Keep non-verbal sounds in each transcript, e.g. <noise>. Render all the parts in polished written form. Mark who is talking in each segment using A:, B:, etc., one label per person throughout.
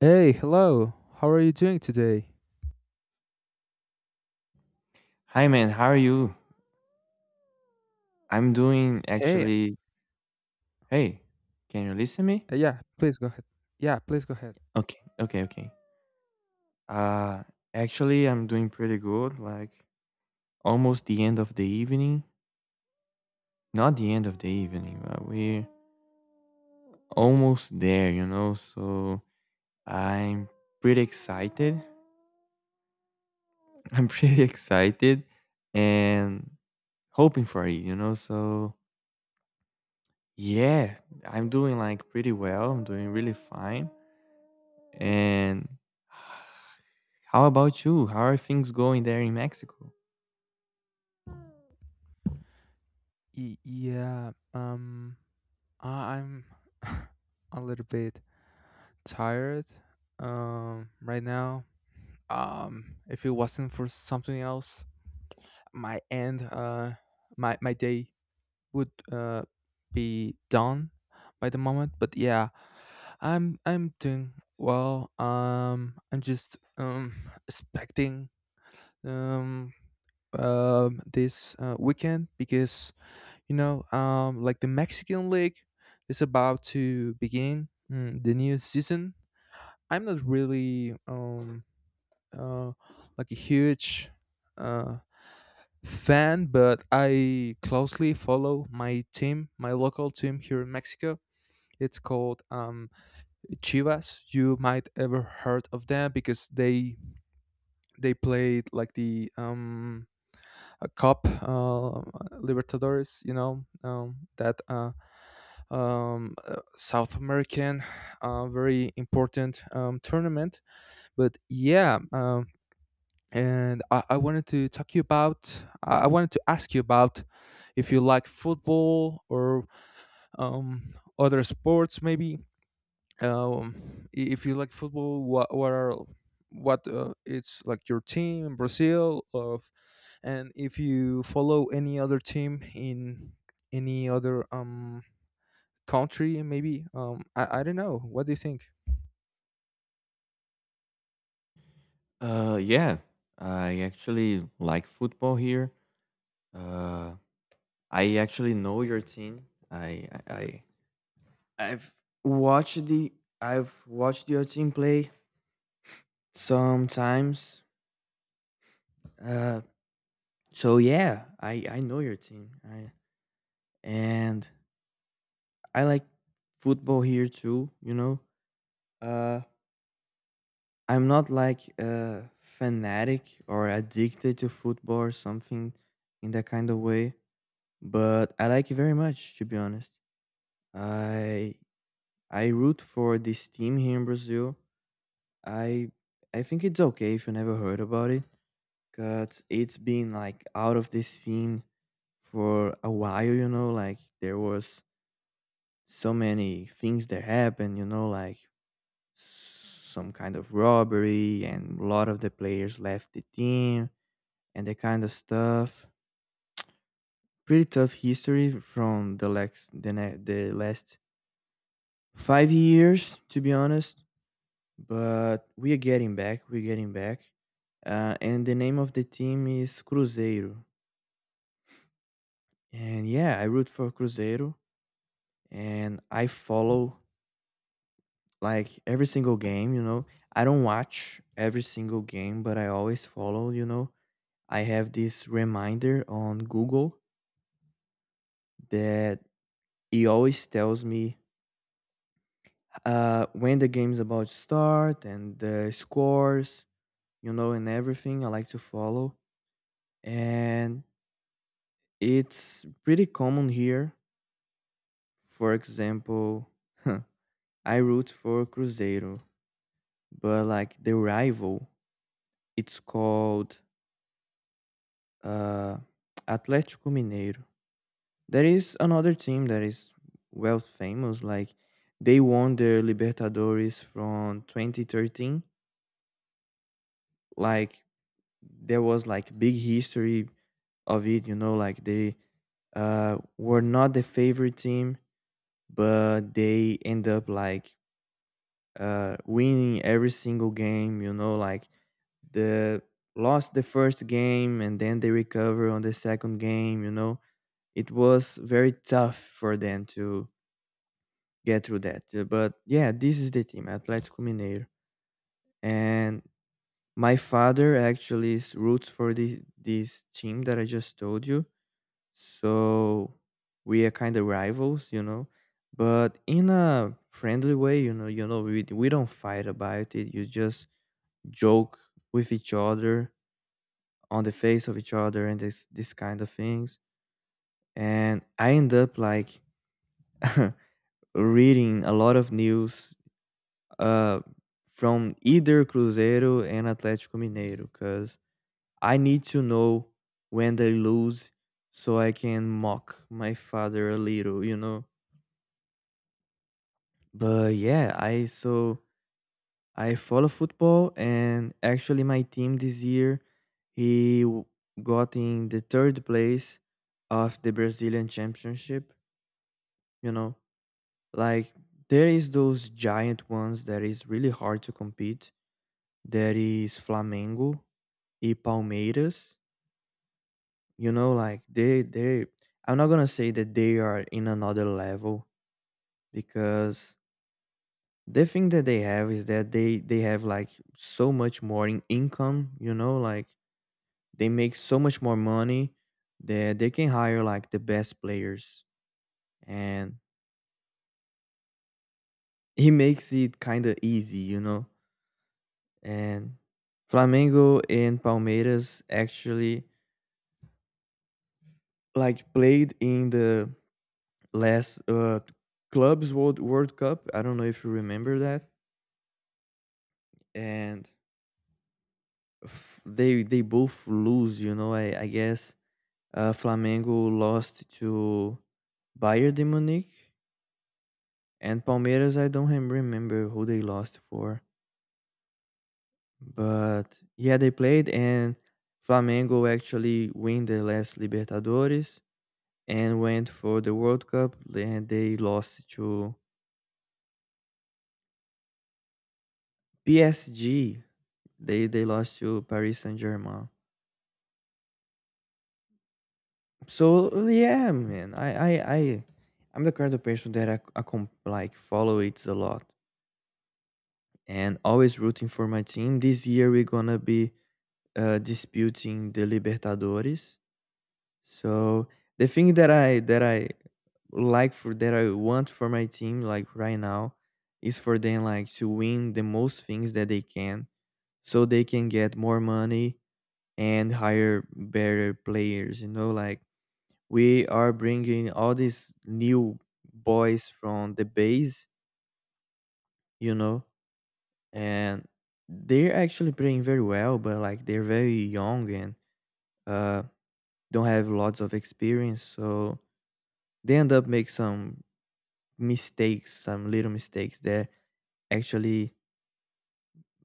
A: Hey, hello. How are you doing today?
B: Hi man, how are you? I'm doing
A: Hey,
B: actually. Hey, can you listen me?
A: yeah, please go ahead. Yeah, please go ahead.
B: Okay, okay, okay. Uh actually I'm doing pretty good, like almost the end of the evening. Not the end of the evening, but we're almost there, you know. So I'm pretty excited. <laughs> I'm pretty excited and hoping for it, you know. So yeah, I'm doing like pretty well. I'm doing really fine. And <sighs> How about you? How are things going there in Mexico?
A: Y- yeah, um, I'm <laughs> a little bit tired, right now. If it wasn't for something else, my end, my day would be done by the moment. But yeah, I'm doing well. I'm just expecting um this weekend because you know like the Mexican league is about to begin, the new season. I'm not really uh like a huge uh fan, but I closely follow my team, my local team here in Mexico. It's called Chivas. You might ever heard of them because they played like the a cup, Libertadores, you know, that South American, very important tournament. But yeah, and I wanted to talk you about. I wanted to ask you about if you like football or um, other sports, maybe if you like football, what it's like your team in Brazil of, and if you follow any other team in any other country, maybe I don't know. What do you think?
B: Yeah, I actually like football here. Uh, I actually know your team. I've watched the I've watched your team play sometimes. Uh, so yeah, I know your team. And I like football here too. You know. Uh, I'm not like a fanatic or addicted to football or something in that kind of way, but I like it very much to be honest. I I root for this team here in Brazil. I I think it's okay if you never heard about it cuz it's been like out of the scene for a while, you know, like there was so many things that happened, you know, like some kind of robbery and a lot of the players left the team and that kind of stuff. Pretty tough history from the last 5 years, to be honest. But we are getting back. We're getting back. And the name of the team is Cruzeiro. And yeah, I root for Cruzeiro, and I follow like every single game. You know, I don't watch every single game, but I always follow. You know, I have this reminder on Google that he always tells me when the game's about to start and the scores, you know, and everything I like to follow. And it's pretty common here. For example, <laughs> I root for Cruzeiro, but like the rival, it's called uh, <tsk> Atlético Mineiro. There is another team that is well famous, like they won the Libertadores from 2013. Like there was like big history of it, you know, like they were not the favorite team, but they end up like winning every single game, you know, like the lost the first game and then they recover on the second game, you know, it was very tough for them to get through that. But yeah, this is the team Atlético Mineiro, and my father actually is roots for this team that I just told you, so we are kind of rivals, you know, but in a friendly way, you know. You know, we don't fight about it, you just joke with each other on the face of each other and this kind of things, and I end up like <laughs> reading a lot of news uh from either Cruzeiro and Atletico Mineiro because I need to know when they lose so I can mock my father a little, you know. But yeah, I so I follow football, and actually my team this year he w- got in the third place of the Brazilian championship. You know, like there is those giant ones that is really hard to compete. There is Flamengo, e Palmeiras. You know, like they. I'm not gonna say that they are in another level because the thing that they have is that they have like so much more in income, you know, like they make so much more money that they can hire like the best players, and <laughs> he makes it kind of easy, you know. And Flamengo and Palmeiras actually like played in the last clubs world cup, I don't know if you remember that. And they both lose, you know, I guess. Flamengo lost to Bayern de Munich and Palmeiras. I don't remember who they lost for, but yeah, they played, and Flamengo actually win the last Libertadores and went for the World Cup. Then they lost to PSG. They lost to Paris Saint Germain. So yeah, man, I'm the kind of person that like follow it a lot, and always rooting for my team. This year we're gonna be disputing the Libertadores. So the thing that I like for that I want for my team like right now is for them like to win the most things that they can, so they can get more money and hire better players. You know, like we are bringing all these new boys from the base. You know, and they're actually playing very well, but like they're very young and uh, don't have lots of experience, so they end up make some mistakes, some little mistakes that actually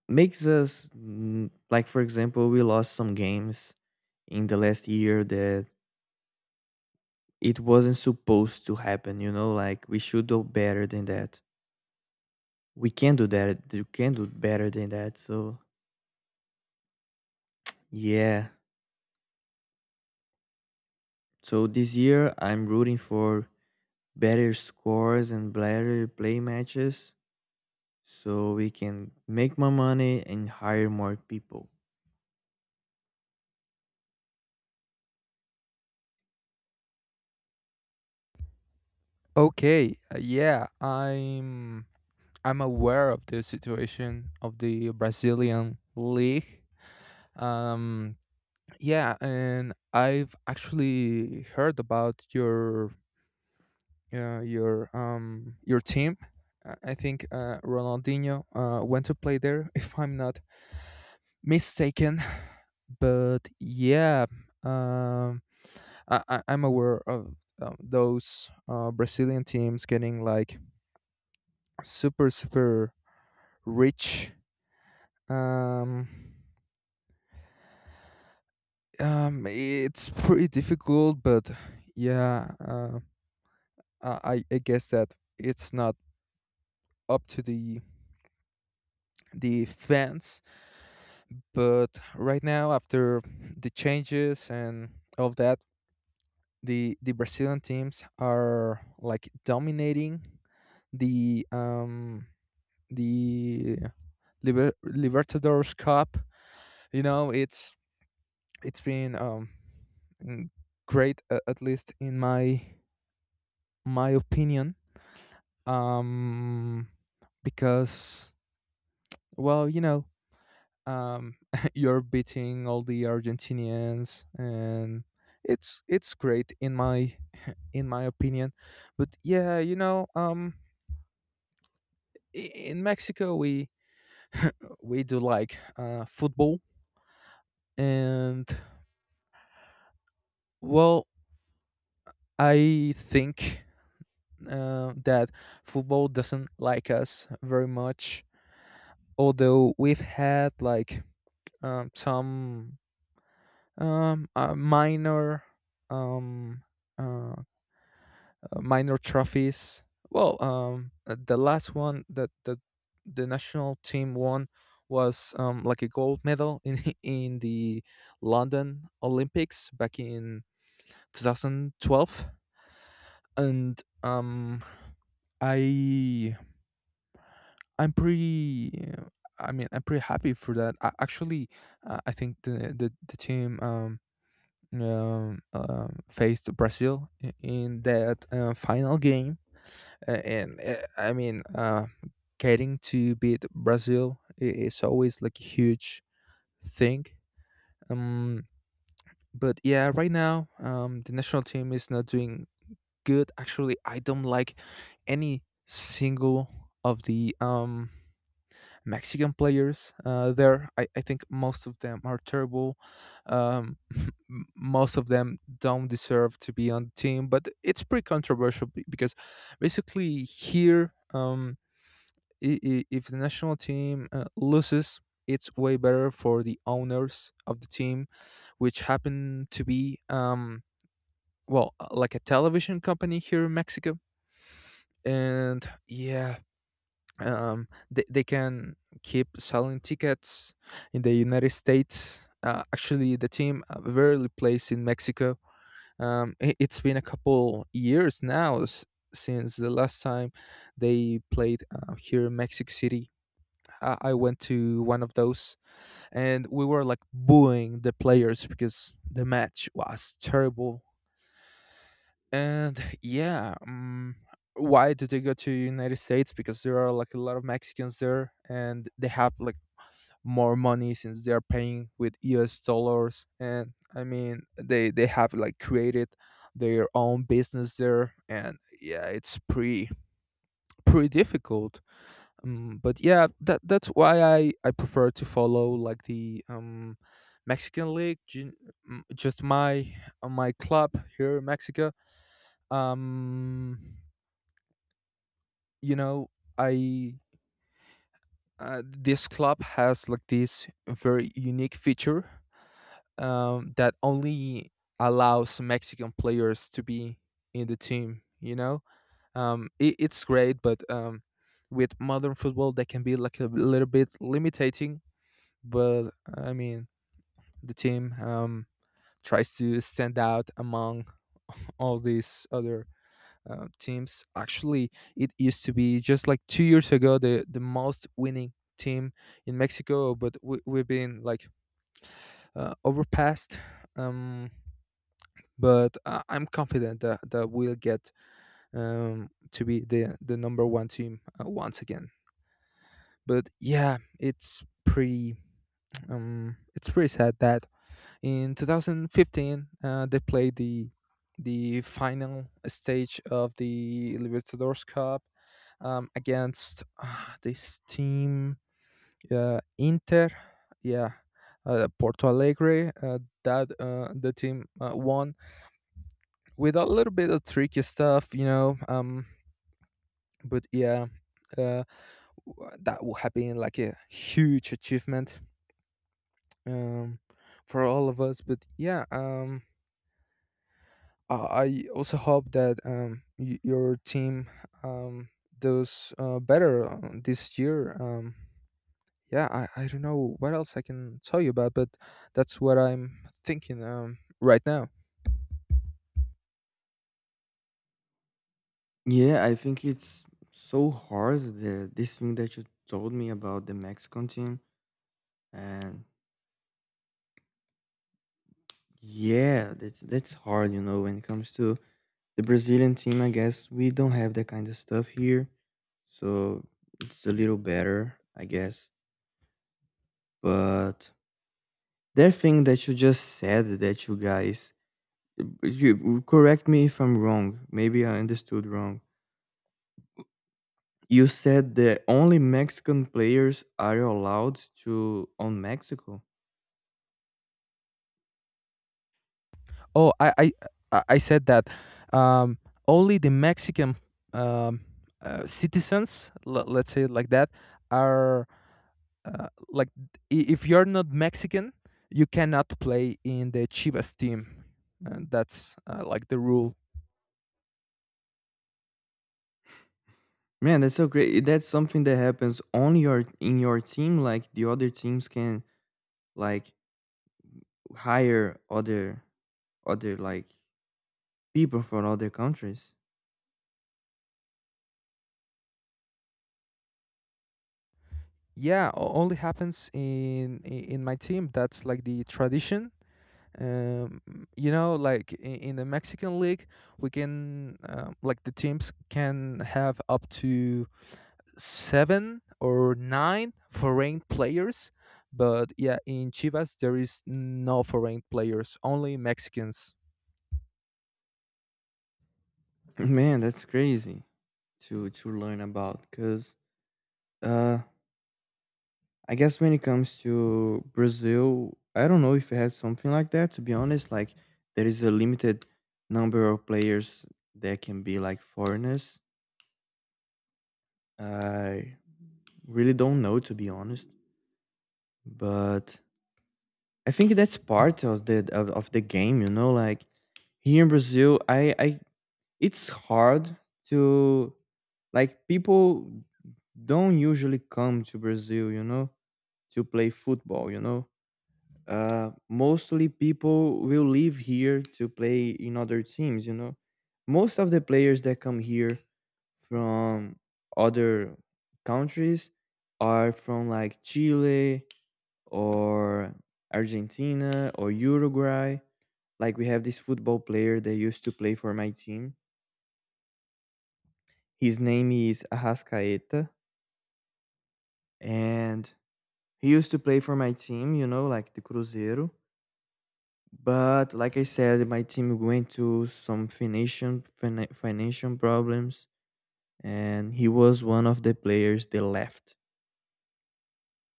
B: makes us like for example, we lost some games in the last year that it wasn't supposed to happen, you know, like we should do better than that. We can do that. You can do better than that. So yeah. So this year I'm rooting for better scores and better play matches so we can make more money and hire more people.
A: Okay, yeah, I'm aware of the situation of the Brazilian league. Um, yeah, and I've actually heard about your team. I think Ronaldinho went to play there, <laughs> if I'm not mistaken. But yeah, um, I'm aware of those Brazilian teams getting like super super rich. Um, it's pretty difficult, but yeah, I guess that it's not up to the fans. But right now, after the changes and all of that, the Brazilian teams are like dominating the um the Libertadores Cup. You know, it's been mm, great, at least in my opinion um because, well, you know, um, <laughs> you're beating all the Argentinians, and it's great in my opinion. But yeah, you know, i- in Mexico we do like football, and, well, I think that football doesn't like us very much. Although we've had like some minor um, uh, minor trophies. Well, the last one that the national team won was like a gold medal in <laughs> in the London Olympics back in 2012, and I I'm pretty. uh, I mean, I'm pretty happy for that. I, actually, I think the team faced Brazil in that final game. And I mean, getting to beat Brazil is always like a huge thing. Um, but yeah, right now, the national team is not doing good. Actually, I don't like any single of the Mexican players there. I think most of them are terrible. Um, <laughs> most of them don't deserve to be on the team, but it's pretty controversial because basically here. If the national team loses, it's way better for the owners of the team, which happen to be well, like a television company here in Mexico, and yeah, they can keep selling tickets in the United States. Actually, the team rarely plays in Mexico. It's been a couple years now, since the last time they played here in Mexico City. I went to one of those, and we were like booing the players because the match was terrible. And yeah, why did they go to United States? Because there are like a lot of Mexicans there, and they have like more money since they are paying with US dollars. And I mean, they have like created their own business there, and yeah, it's pretty difficult, but yeah that's why I prefer to follow like the Mexican league, just my club here in Mexico. um you know, I this club has like this very unique feature, that only allows Mexican players to be in the team, you know. It's great, but with modern football they can be like a little bit limiting, but I mean the team tries to stand out among <laughs> all these other teams. Actually, it used to be just like 2 years ago the most winning team in Mexico, but we've been like overpassed. Um, but I'm confident that, we'll get to be the number one team once again. But yeah, it's pretty sad that in 2015, they played the final stage of the Libertadores Cup, against this team, Inter, yeah, Porto Alegre. That the team won with a little bit of tricky stuff, you know. But yeah, uh, that would have been like a huge achievement, um, for all of us. But yeah, I also hope that your team um, does better this year. Yeah, I don't know what else I can tell you about, but that's what I'm thinking right now.
B: Yeah, I think it's so hard the this thing that you told me about the Mexican team, and yeah, that's hard, you know. When it comes to the Brazilian team, I guess we don't have that kind of stuff here. So it's a little better, I guess. But that thing that you just said that you guys. You correct me if I'm wrong. Maybe I understood wrong. You said that only Mexican players are allowed to own Mexico.
A: Oh, I said that um, only the Mexican um, citizens, let's say it like that, are like, if you're not Mexican, you cannot play in the Chivas team, and that's like the rule.
B: Man, that's so great. That's something that happens only your in your team. Like the other teams can like hire other other like people from other countries.
A: Yeah, only happens in in my team. That's like the tradition. um you know, like in the Mexican league, we can, like, the teams can have up to seven or nine foreign players, but yeah, in Chivas there is no foreign players, only Mexicans.
B: <laughs> Man, that's crazy to learn about because uh I guess when it comes to Brazil, I don't know if it had something like that, to be honest. Like, there is a limited number of players that can be like foreigners. I really don't know, to be honest. But I think that's part of of the game, you know. Like here in Brazil, I it's hard to like people don't usually come to Brazil, you know, to play football, you know. Uh, mostly people will leave here to play in other teams. You know, most of the players that come here from other countries are from like Chile or Argentina or Uruguay. Like we have this football player that used to play for my team. His name is Arrascaeta, and he used to play for my team. You know, like the Cruzeiro. But like I said, my team went to some financial problems, and he was one of the players that left.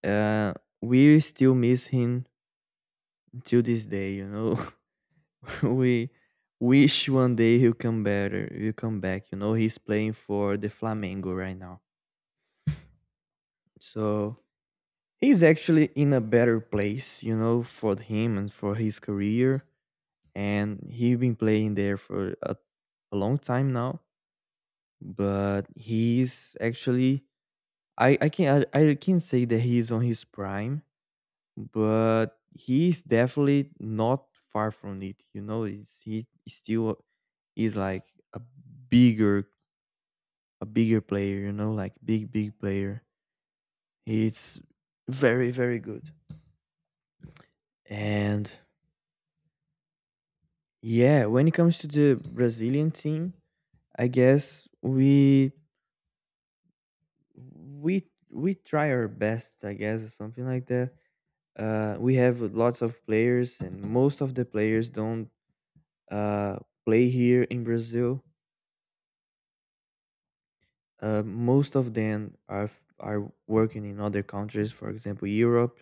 B: Uh, we still miss him till this day. You know, <laughs> we wish one day he'll come better. He'll come back. You know, he's playing for the Flamengo right now, so he's actually in a better place. You know, for him and for his career, and he's been playing there for a long time now, but he's actually I can say that he's on his prime, but he's definitely not far from it. You know, he is still is like a bigger a bigger player. You know, like big player. He's very good. And yeah, when it comes to the Brazilian team, I guess we try our best. I guess, or something like that. We have lots of players, and most of the players don't uh, play here in Brazil. Most of them are working in other countries, for example, Europe.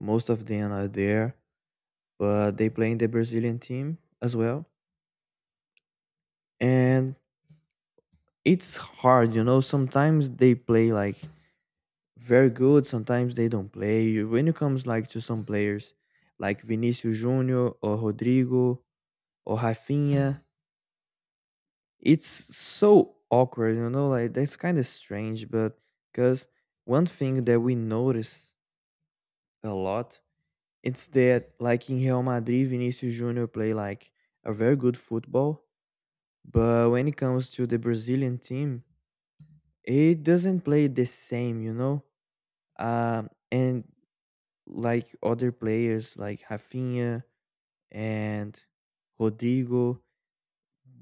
B: Most of them are there, but they play in the Brazilian team as well. And it's hard, you know. Sometimes they play like very good. Sometimes they don't play. You- When it comes like to some players, like Vinicius Junior or Rodrigo or Rafinha, it's so awkward, you know, like that's kind of strange, but because one thing that we notice a lot, it's that like in Real Madrid, Vinicius Junior play like a very good football, but when it comes to the Brazilian team, it doesn't play the same, you know, and like other players like Rafinha and Rodrigo,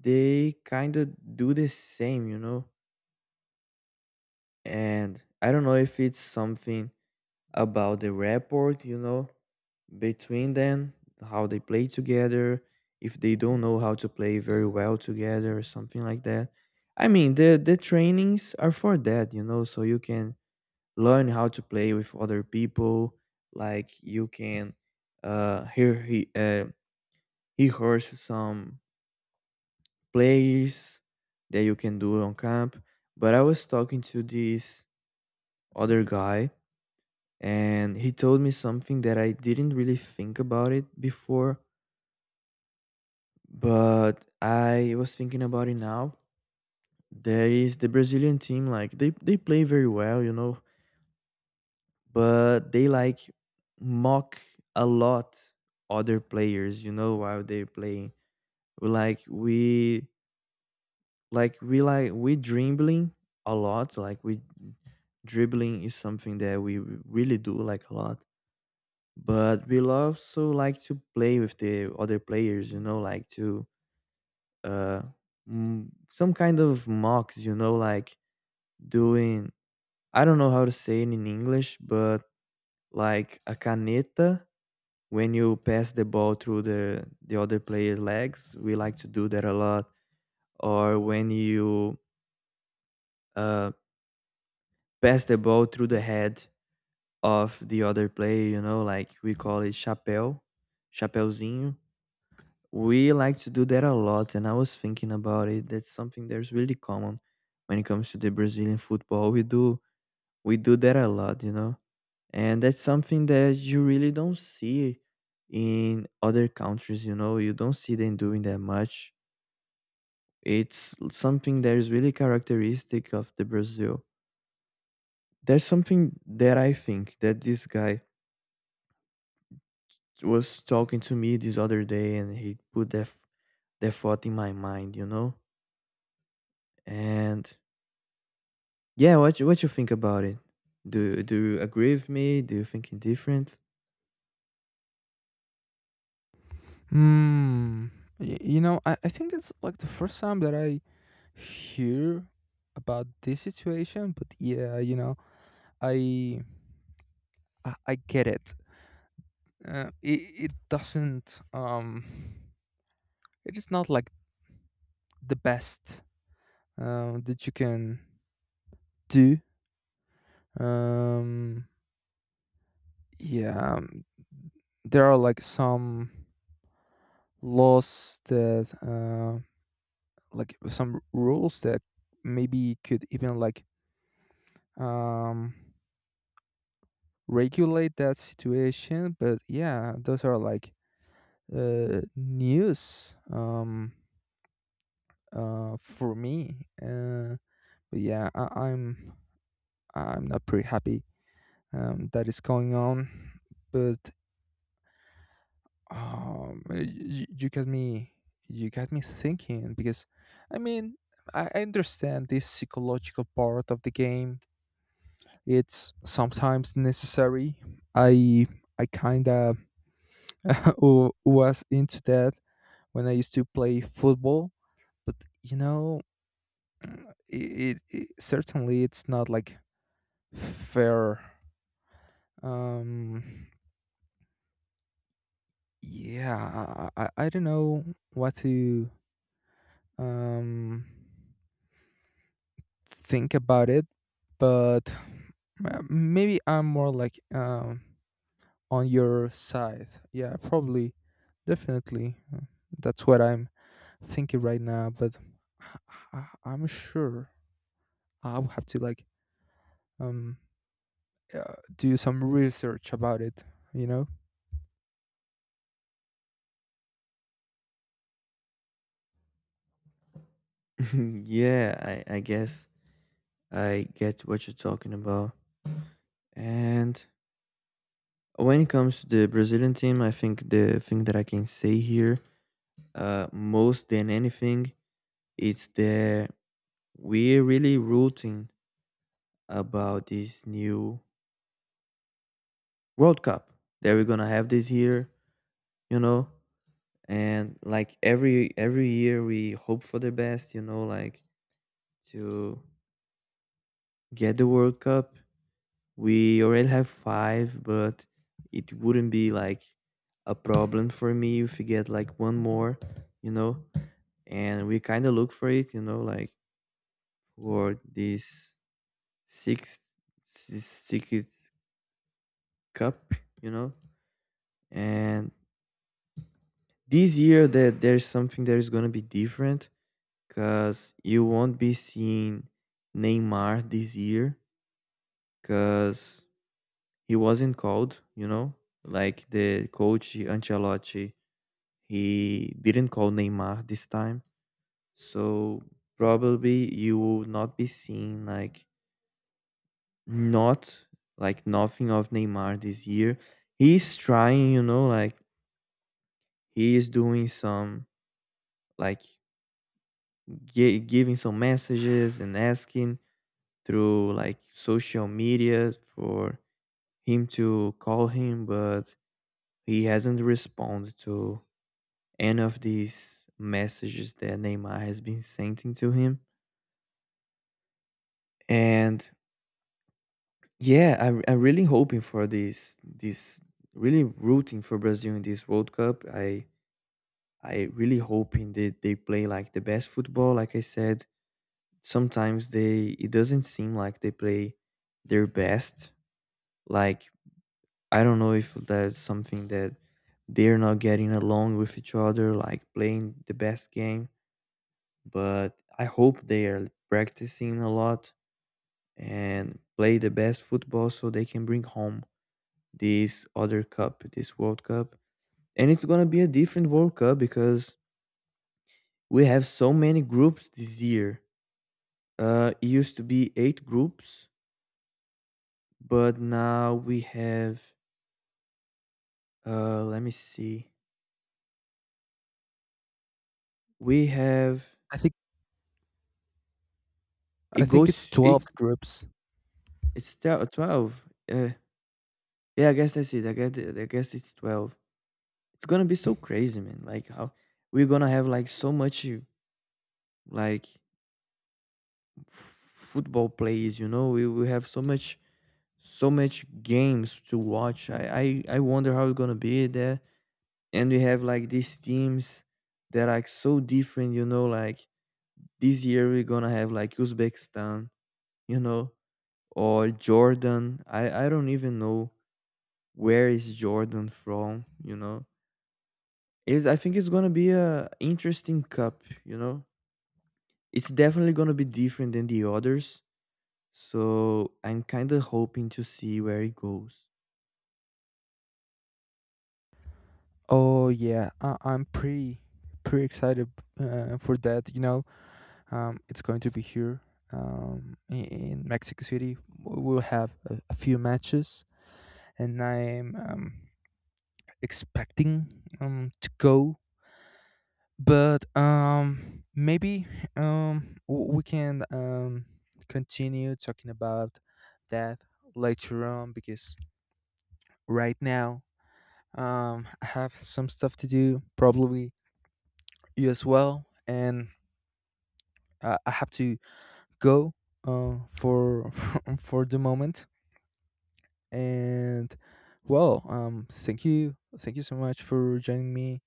B: they kind of do the same, you know. And I don't know if it's something about the rapport, you know, between them, how they play together, if they don't know how to play very well together or something like that. I mean, the trainings are for that, you know, so you can learn how to play with other people, like you can hear he rehearse some plays that you can do on camp. But I was talking to this other guy and he told me something that I didn't really think about it before, but I was thinking about it now. There is the Brazilian team, like they play very well, you know, but they like mock a lot other players, you know, while they're playing. We Like we like we like we dribbling a lot, like we dribbling is something that we really do like a lot, but we'll also like to play with the other players, you know, like to uh some kind of mocks, you know, like doing. I don't know how to say it in English, but like a caneta, when you pass the ball through the other player's legs, we like to do that a lot. Or when you uh pass the ball through the head of the other player, you know, like we call it chapéu, chapéuzinho. We like to do that a lot, and I was thinking about it. That's something that's really common when it comes to the Brazilian football. We do that a lot, you know, and that's something that you really don't see in other countries. You know, you don't see them doing that much. It's something that is really characteristic of the Brazil. There's something that I think that this guy was talking to me this other day, and he put that thought in my mind, you know. And yeah, what you think about it? Do you agree with me? Do you think it different?
A: Hmm. You know, I think it's like the first time that I hear about this situation, but yeah, you know, I I get it. It doesn't. It is not like the best that you can do. Um, yeah, there are like some laws that, like some rules that maybe could even like um regulate that situation. But yeah, those are like news, for me. But yeah, I'm not pretty happy that is going on. But um, you, you got me, you got me thinking because, I mean, I understand this psychological part of the game. It's sometimes necessary. I I kind of <laughs> was into that when I used to play football, but, you know, it certainly it's not like fair. Um, Yeah, I I don't know what to um think about it, but maybe I'm more like on your side. Yeah, probably, definitely. That's what I'm thinking right now. But I, I'm sure I will have to like um do some research about it. You know,
B: <laughs> Yeah, I guess I get what you're talking about. And when it comes to the Brazilian team, I think the thing that I can say here, most than anything, it's that we're really rooting about this new World Cup that we're gonna have this year. You know, and like every year we hope for the best. You know, like to get the World Cup. We already have five, but it wouldn't be like a problem for me if we get like one more, you know. And we kind of look for it, you know, like for this sixth, sixth cup, you know. And this year that there's something that is gonna be different, cause you won't be seeing Neymar this year, cause he wasn't called, you know, like the coach Ancelotti, he didn't call Neymar this time. So probably you will not be seeing like not like nothing of Neymar this year. He's trying, you know, like he is doing some like giving some messages and asking through like social media for him to call him, but he hasn't responded to any of these messages that Neymar has been sending to him. And yeah, I'm really hoping for this really rooting for Brazil in this World Cup. I really hoping that they play like the best football. Like I said, sometimes they it doesn't seem like they play their best. Like I don't know if that's something that they're not getting along with each other, like playing the best game. But I hope they are practicing a lot and play the best football so they can bring home this other cup, this World Cup. And it's going to be a different World Cup because we have so many groups this year. It used to be eight groups, but now we have, let me see, we have,
A: I think I
B: it
A: think it's
B: goes,
A: 12
B: it,
A: groups.
B: it's 12. Uh, yeah, I guess that's it. I guess it's 12. It's going to be so crazy, man. Like, how we're going to have like so much, like, football plays, you know. We we have so much so much games to watch. I wonder how it's gonna be there. And we have like these teams that are like so different, you know, like this year we're gonna have like Uzbekistan, you know, or Jordan. I don't even know where is Jordan from, you know. I think it's gonna be a interesting cup, you know. It's definitely gonna be different than the others. So I'm kind of hoping to see where it goes.
A: Oh yeah, I'm pretty excited for that. You know, it's going to be here, um, i- in Mexico City. We'll have a few matches, and I'm expecting to go. But maybe we can continue talking about that later on because right now I have some stuff to do, probably you as well, and I have to go for <laughs> for the moment. And, well, thank you so much for joining me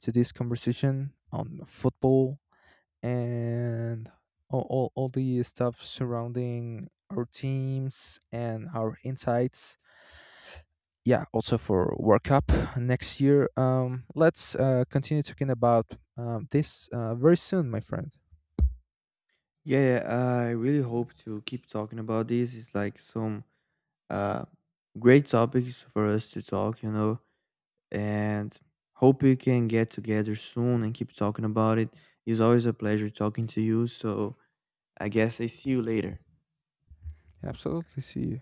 A: to this conversation on football and all the stuff surrounding our teams and our insights, yeah, also for World Cup next year. Let's continue talking about this very soon, my friend.
B: Yeah, yeah, I really hope to keep talking about this. It's like some uh, great topics for us to talk, you know, and hope we can get together soon and keep talking about it. It's always a pleasure talking to you. So I guess I see you later.
A: Absolutely. See you.